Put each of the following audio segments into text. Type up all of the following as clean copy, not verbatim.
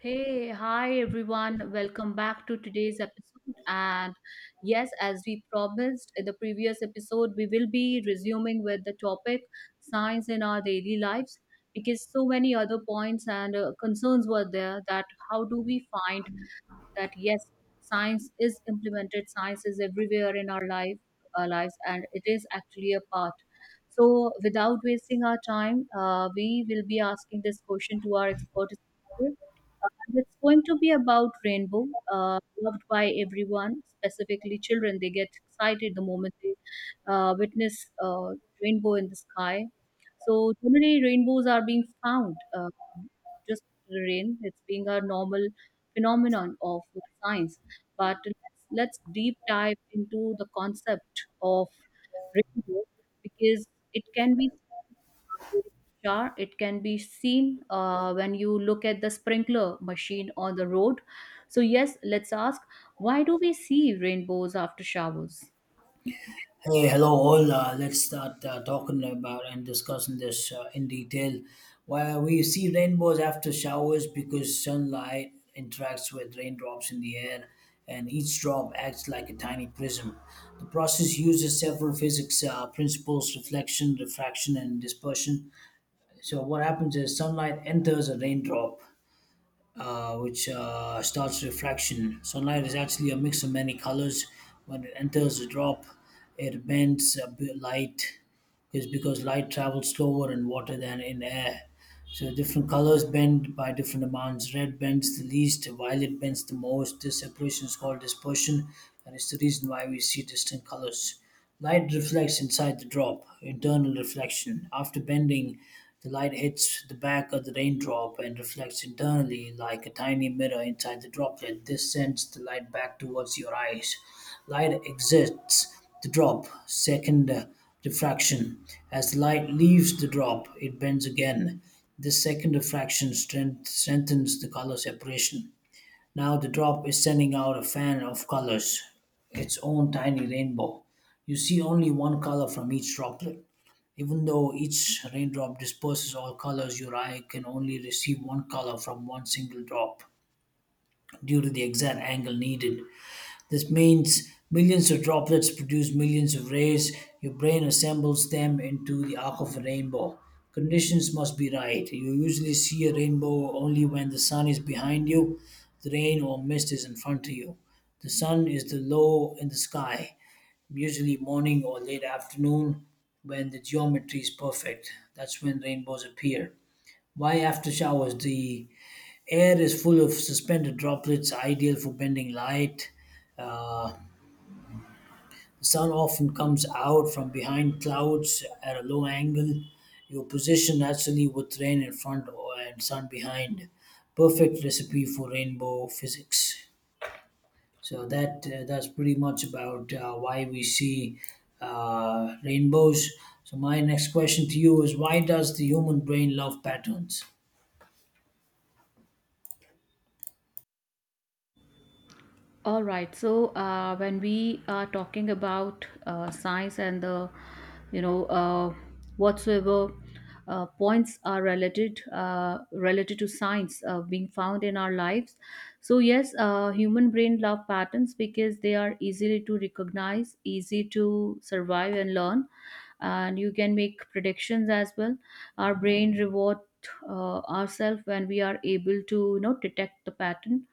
Hey, hi everyone. Welcome back to today's episode. And yes, as we promised in the previous episode, we will be resuming with the topic science in our daily lives because so many other points and concerns were there that how do we find that yes, science is implemented, science is everywhere in our life, our lives, and it is actually a part. So, without wasting our time, we will be asking this question to our expert. And it's going to be about rainbow, loved by everyone, specifically children. They get excited the moment they witness uh, rainbow in the sky. So generally, rainbows are being found just after the rain. It's being a normal phenomenon of science, but let's deep dive into the concept of rainbow because it can be shower, it can be seen when you look at the sprinkler machine on the road. So yes, let's ask, why do we see rainbows after showers? Hey, hello all. Let's start talking about and discussing this in detail. Well, we see rainbows after showers because sunlight interacts with raindrops in the air, and each drop acts like a tiny prism. The process uses several physics principles: reflection, refraction, and dispersion. So, what happens is sunlight enters a raindrop which starts refraction. Sunlight is actually a mix of many colors. When it enters a drop, it bends a bit light is because light travels slower in water than in air. So different colors bend by different amounts. Red bends the least, violet bends the most. This separation is called dispersion, and it's the reason why we see distinct colors. Light reflects inside the drop, internal reflection. After bending, the light hits the back of the raindrop and reflects internally like a tiny mirror inside the droplet. This sends the light back towards your eyes. Light exits the drop second diffraction. As the light leaves the drop, it bends again. This second diffraction strengthens the color separation. Now the drop is sending out a fan of colors, its own tiny rainbow. You see only one color from each droplet. Even though each raindrop disperses all colors, your eye can only receive one color from one single drop due to the exact angle needed. This means millions of droplets produce millions of rays. Your brain assembles them into the arc of a rainbow. Conditions must be right. You usually see a rainbow only when the sun is behind you, the rain or mist is in front of you. The sun is the low in the sky, usually morning or late afternoon when the geometry is perfect. That's when rainbows appear. Why after showers? The air is full of suspended droplets, ideal for bending light. Uh, the sun often comes out from behind clouds at a low angle. Your position naturally with rain in front or and sun behind. Perfect recipe for rainbow physics. So that's pretty much about why we see rainbows. So my next question to you is why does the human brain love patterns? All right. So when we are talking about science and the, you know, whatsoever points are related to science being found in our lives. So yes, human brain love patterns because they are easily to recognize, easy to survive and learn, and you can make predictions as well. Our brain reward ourselves when we are able to, you know, detect the pattern.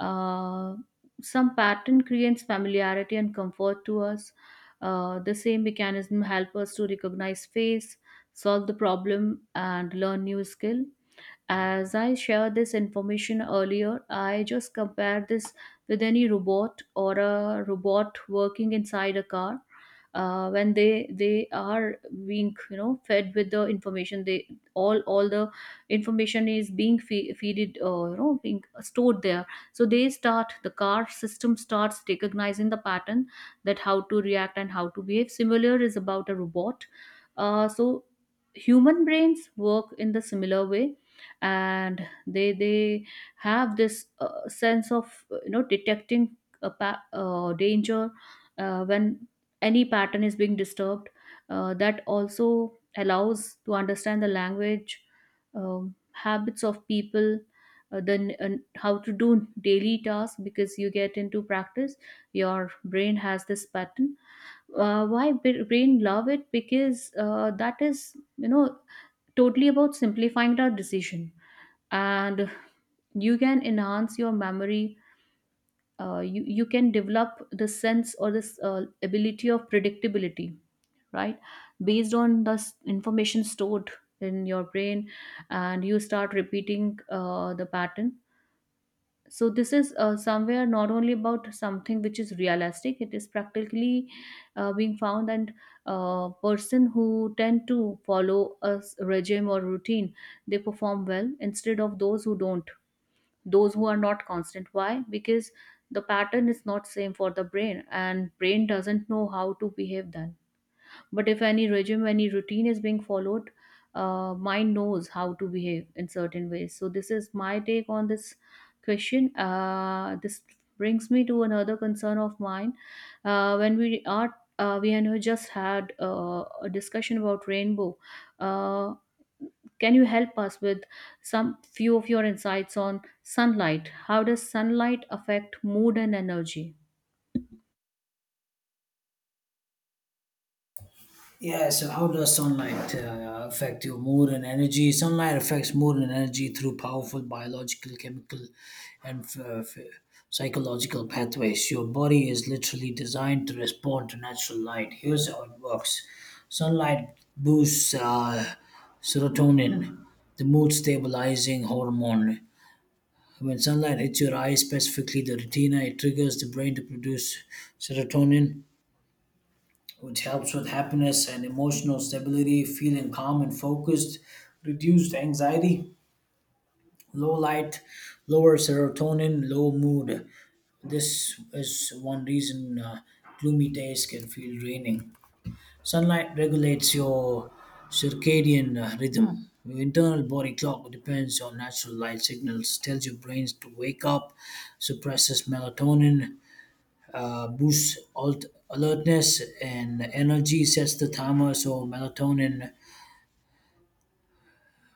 Uh, some pattern creates familiarity and comfort to us. The same mechanism help us to recognize face, solve the problem, and learn new skill. As I shared this information earlier, I just compared this with any robot or a robot working inside a car. When they are being, you know, fed with the information, they all the information is being feeded, you know, being stored there. So the car system starts recognizing the pattern, that how to react and how to behave. Similar is about a robot. So human brains work in the similar way, and they have this sense of, you know, detecting danger when any pattern is being disturbed. That also allows to understand the language, habits of people, then and how to do daily tasks, because you get into practice, your brain has this pattern. Why brain love it, because that is, you know, totally about simplifying our decision, and you can enhance your memory. You can develop the sense or this ability of predictability, right, based on the information stored in your brain, and you start repeating the pattern. So this is somewhere not only about something which is realistic, it is practically being found. And person who tend to follow a regime or routine, they perform well instead of those who don't, those who are not constant. Why? Because the pattern is not same for the brain and brain doesn't know how to behave then. But if any regime, any routine is being followed, mind knows how to behave in certain ways. So this is my take on this question. This brings me to another concern of mine. When we are We had just had a discussion about rainbow. Uh, can you help us with some few of your insights on sunlight? How does sunlight affect mood and energy? Yeah, so how does sunlight affect your mood and energy? Sunlight affects mood and energy through powerful biological, chemical, and psychological pathways. Your body is literally designed to respond to natural light. Here's how it works sunlight boosts serotonin, the mood stabilizing hormone. When sunlight hits your eyes, specifically the retina, it triggers the brain to produce serotonin which helps with happiness and emotional stability, feeling calm and focused, reduced anxiety, low light, lower serotonin, low mood. This is one reason gloomy days can feel draining. Sunlight regulates your circadian rhythm. Your internal body clock depends on natural light signals, tells your brains to wake up, suppresses melatonin, boosts alertness and energy, sets the timer so melatonin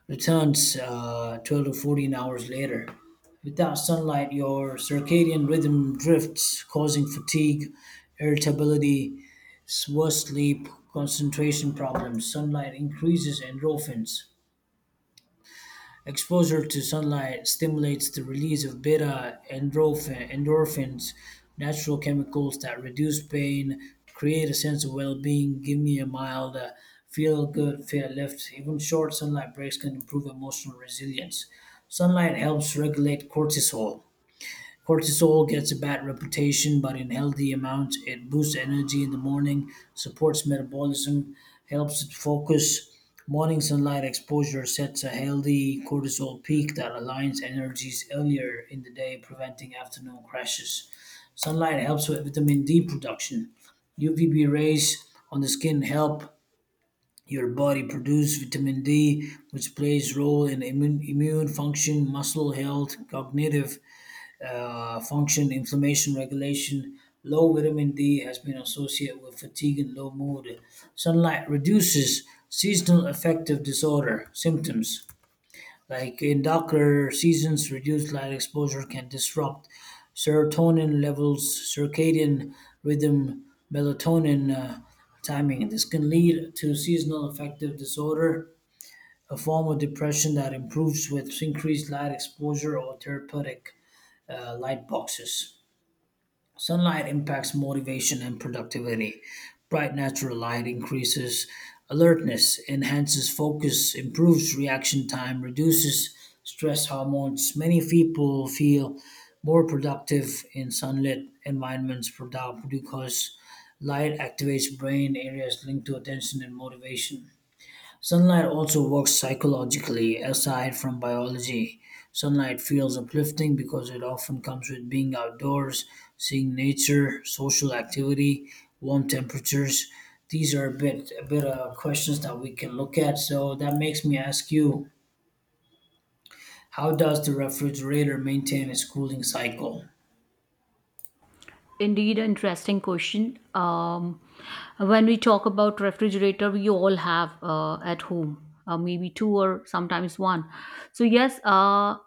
returns 12 to 14 hours later. Without sunlight, your circadian rhythm drifts, causing fatigue, irritability, worse sleep, concentration problems. Sunlight increases endorphins. Exposure to sunlight stimulates the release of beta endorphin, endorphins, natural chemicals that reduce pain, create a sense of well being, give me a mild feel good, feel lift. Even short sunlight breaks can improve emotional resilience. Sunlight helps regulate cortisol. Cortisol gets a bad reputation, but in healthy amounts, it boosts energy in the morning, supports metabolism, helps it focus. Morning sunlight exposure sets a healthy cortisol peak that aligns energies earlier in the day, preventing afternoon crashes. Sunlight helps with vitamin D production. UVB rays on the skin help your body produce vitamin D, which plays role in immune, immune function, muscle health, cognitive function, inflammation regulation. Low vitamin D has been associated with fatigue and low mood. Sunlight reduces seasonal affective disorder symptoms. Like in darker seasons, reduced light exposure can disrupt serotonin levels, circadian rhythm, melatonin timing. This can lead to seasonal affective disorder, a form of depression that improves with increased light exposure or therapeutic light boxes. Sunlight impacts motivation and productivity. Bright natural light increases alertness, enhances focus, improves reaction time, reduces stress hormones. Many people feel more productive in sunlit environments because light activates brain areas linked to attention and motivation. Sunlight also works psychologically aside from biology. Sunlight feels uplifting because it often comes with being outdoors, seeing nature, social activity, warm temperatures. These are a bit of questions that we can look at. So that makes me ask you, how does the refrigerator maintain its cooling cycle? Indeed, an interesting question. When we talk about refrigerator, we all have at home, maybe two or sometimes one. So yes, uh,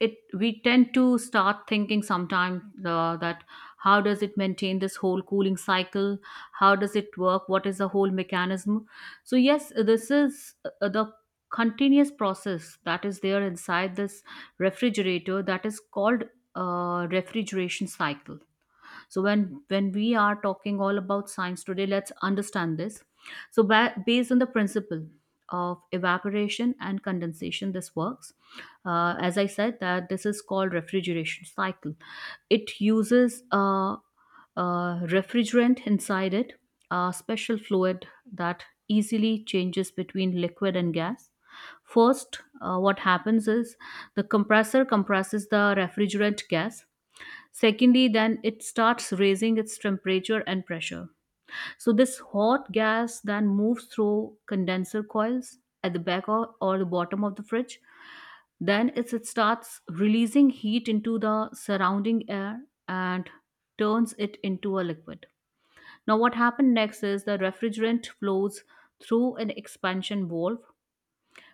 it we tend to start thinking sometimes that how does it maintain this whole cooling cycle? How does it work? What is the whole mechanism? So yes, this is the continuous process that is there inside this refrigerator, that is called refrigeration cycle. So when we are talking all about science today, let's understand this. So based on the principle of evaporation and condensation, this works. Uh, as I said, that this is called refrigeration cycle. It uses refrigerant inside it, a special fluid that easily changes between liquid and gas. First, what happens is the compressor compresses the refrigerant gas. Secondly, then it starts raising its temperature and pressure. So this hot gas then moves through condenser coils at the back or the bottom of the fridge. Then it starts releasing heat into the surrounding air and turns it into a liquid. Now, what happened next is the refrigerant flows through an expansion valve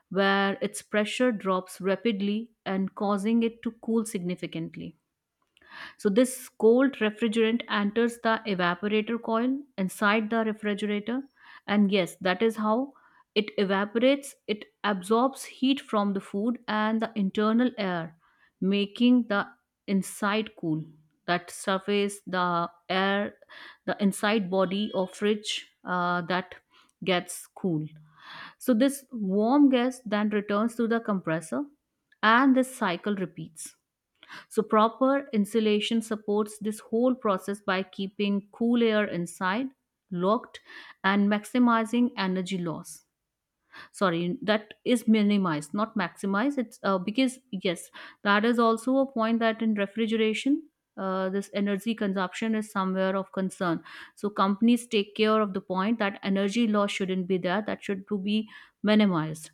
where its pressure drops rapidly and causing it to cool significantly. So this cold refrigerant enters the evaporator coil inside the refrigerator, and yes, that is how it evaporates. It absorbs heat from the food and the internal air, making the inside cool. That surface, the air, the inside body of fridge, that gets cool. So this warm gas then returns to the compressor, and this cycle repeats. So, proper insulation supports this whole process by keeping cool air inside, locked, and maximizing energy loss. Sorry, that is minimized, not maximized. It's because yes, that is also a point that in refrigeration, this energy consumption is somewhere of concern. So companies take care of the point that energy loss shouldn't be there, that should to be minimized.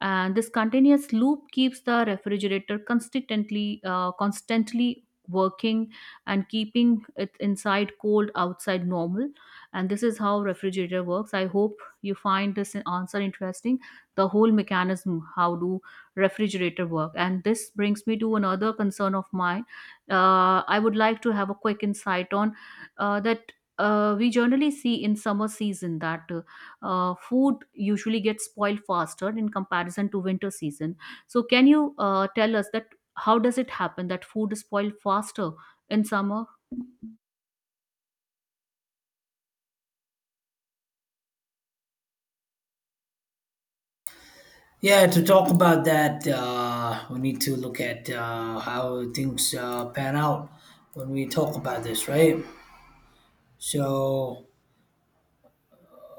And this continuous loop keeps the refrigerator constantly constantly working, and keeping it inside cold, outside normal. And this is how refrigerator works. I hope you find this answer interesting, the whole mechanism, how do refrigerator work. And this brings me to another concern of mine. I would like to have a quick insight on that we generally see in summer season that food usually gets spoiled faster in comparison to winter season. So can you tell us that how does it happen that food is spoiled faster in summer? Yeah, to talk about that, we need to look at how things pan out when we talk about this, right? So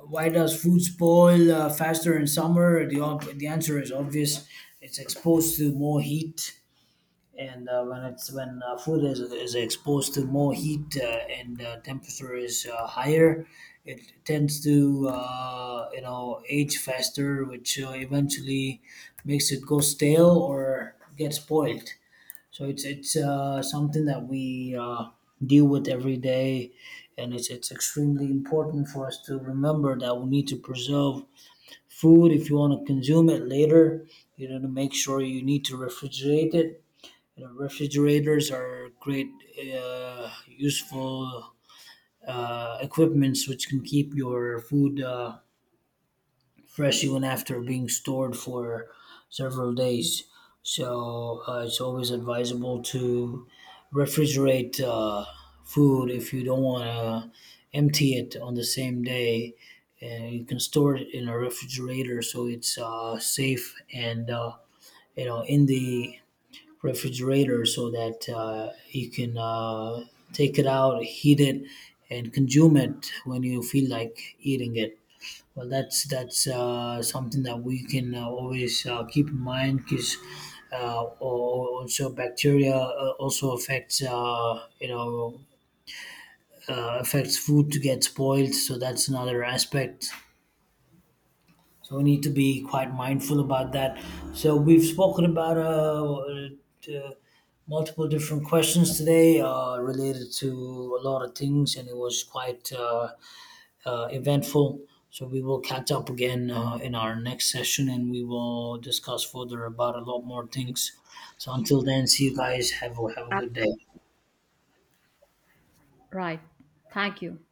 why does food spoil faster in summer? The answer is obvious. It's exposed to more heat, and when it's when food is exposed to more heat and temperature is higher, it tends to age faster, which eventually makes it go stale or get spoiled. So it's something that we deal with every day, and it's extremely important for us to remember that we need to preserve food if you want to consume it later. You know, to make sure you need to refrigerate it. You know, refrigerators are great, useful equipments which can keep your food. Fresh even after being stored for several days. So it's always advisable to refrigerate food if you don't want to empty it on the same day. And you can store it in a refrigerator so it's safe and in the refrigerator so that you can take it out, heat it, and consume it when you feel like eating it. Well, that's something that we can always keep in mind because also bacteria also affects affects food to get spoiled. So that's another aspect. So we need to be quite mindful about that. So we've spoken about uh, multiple different questions today related to a lot of things, and it was quite. Eventful. So we will catch up again in our next session and we will discuss further about a lot more things. So until then, see you guys. Have have a good day. Right. Thank you.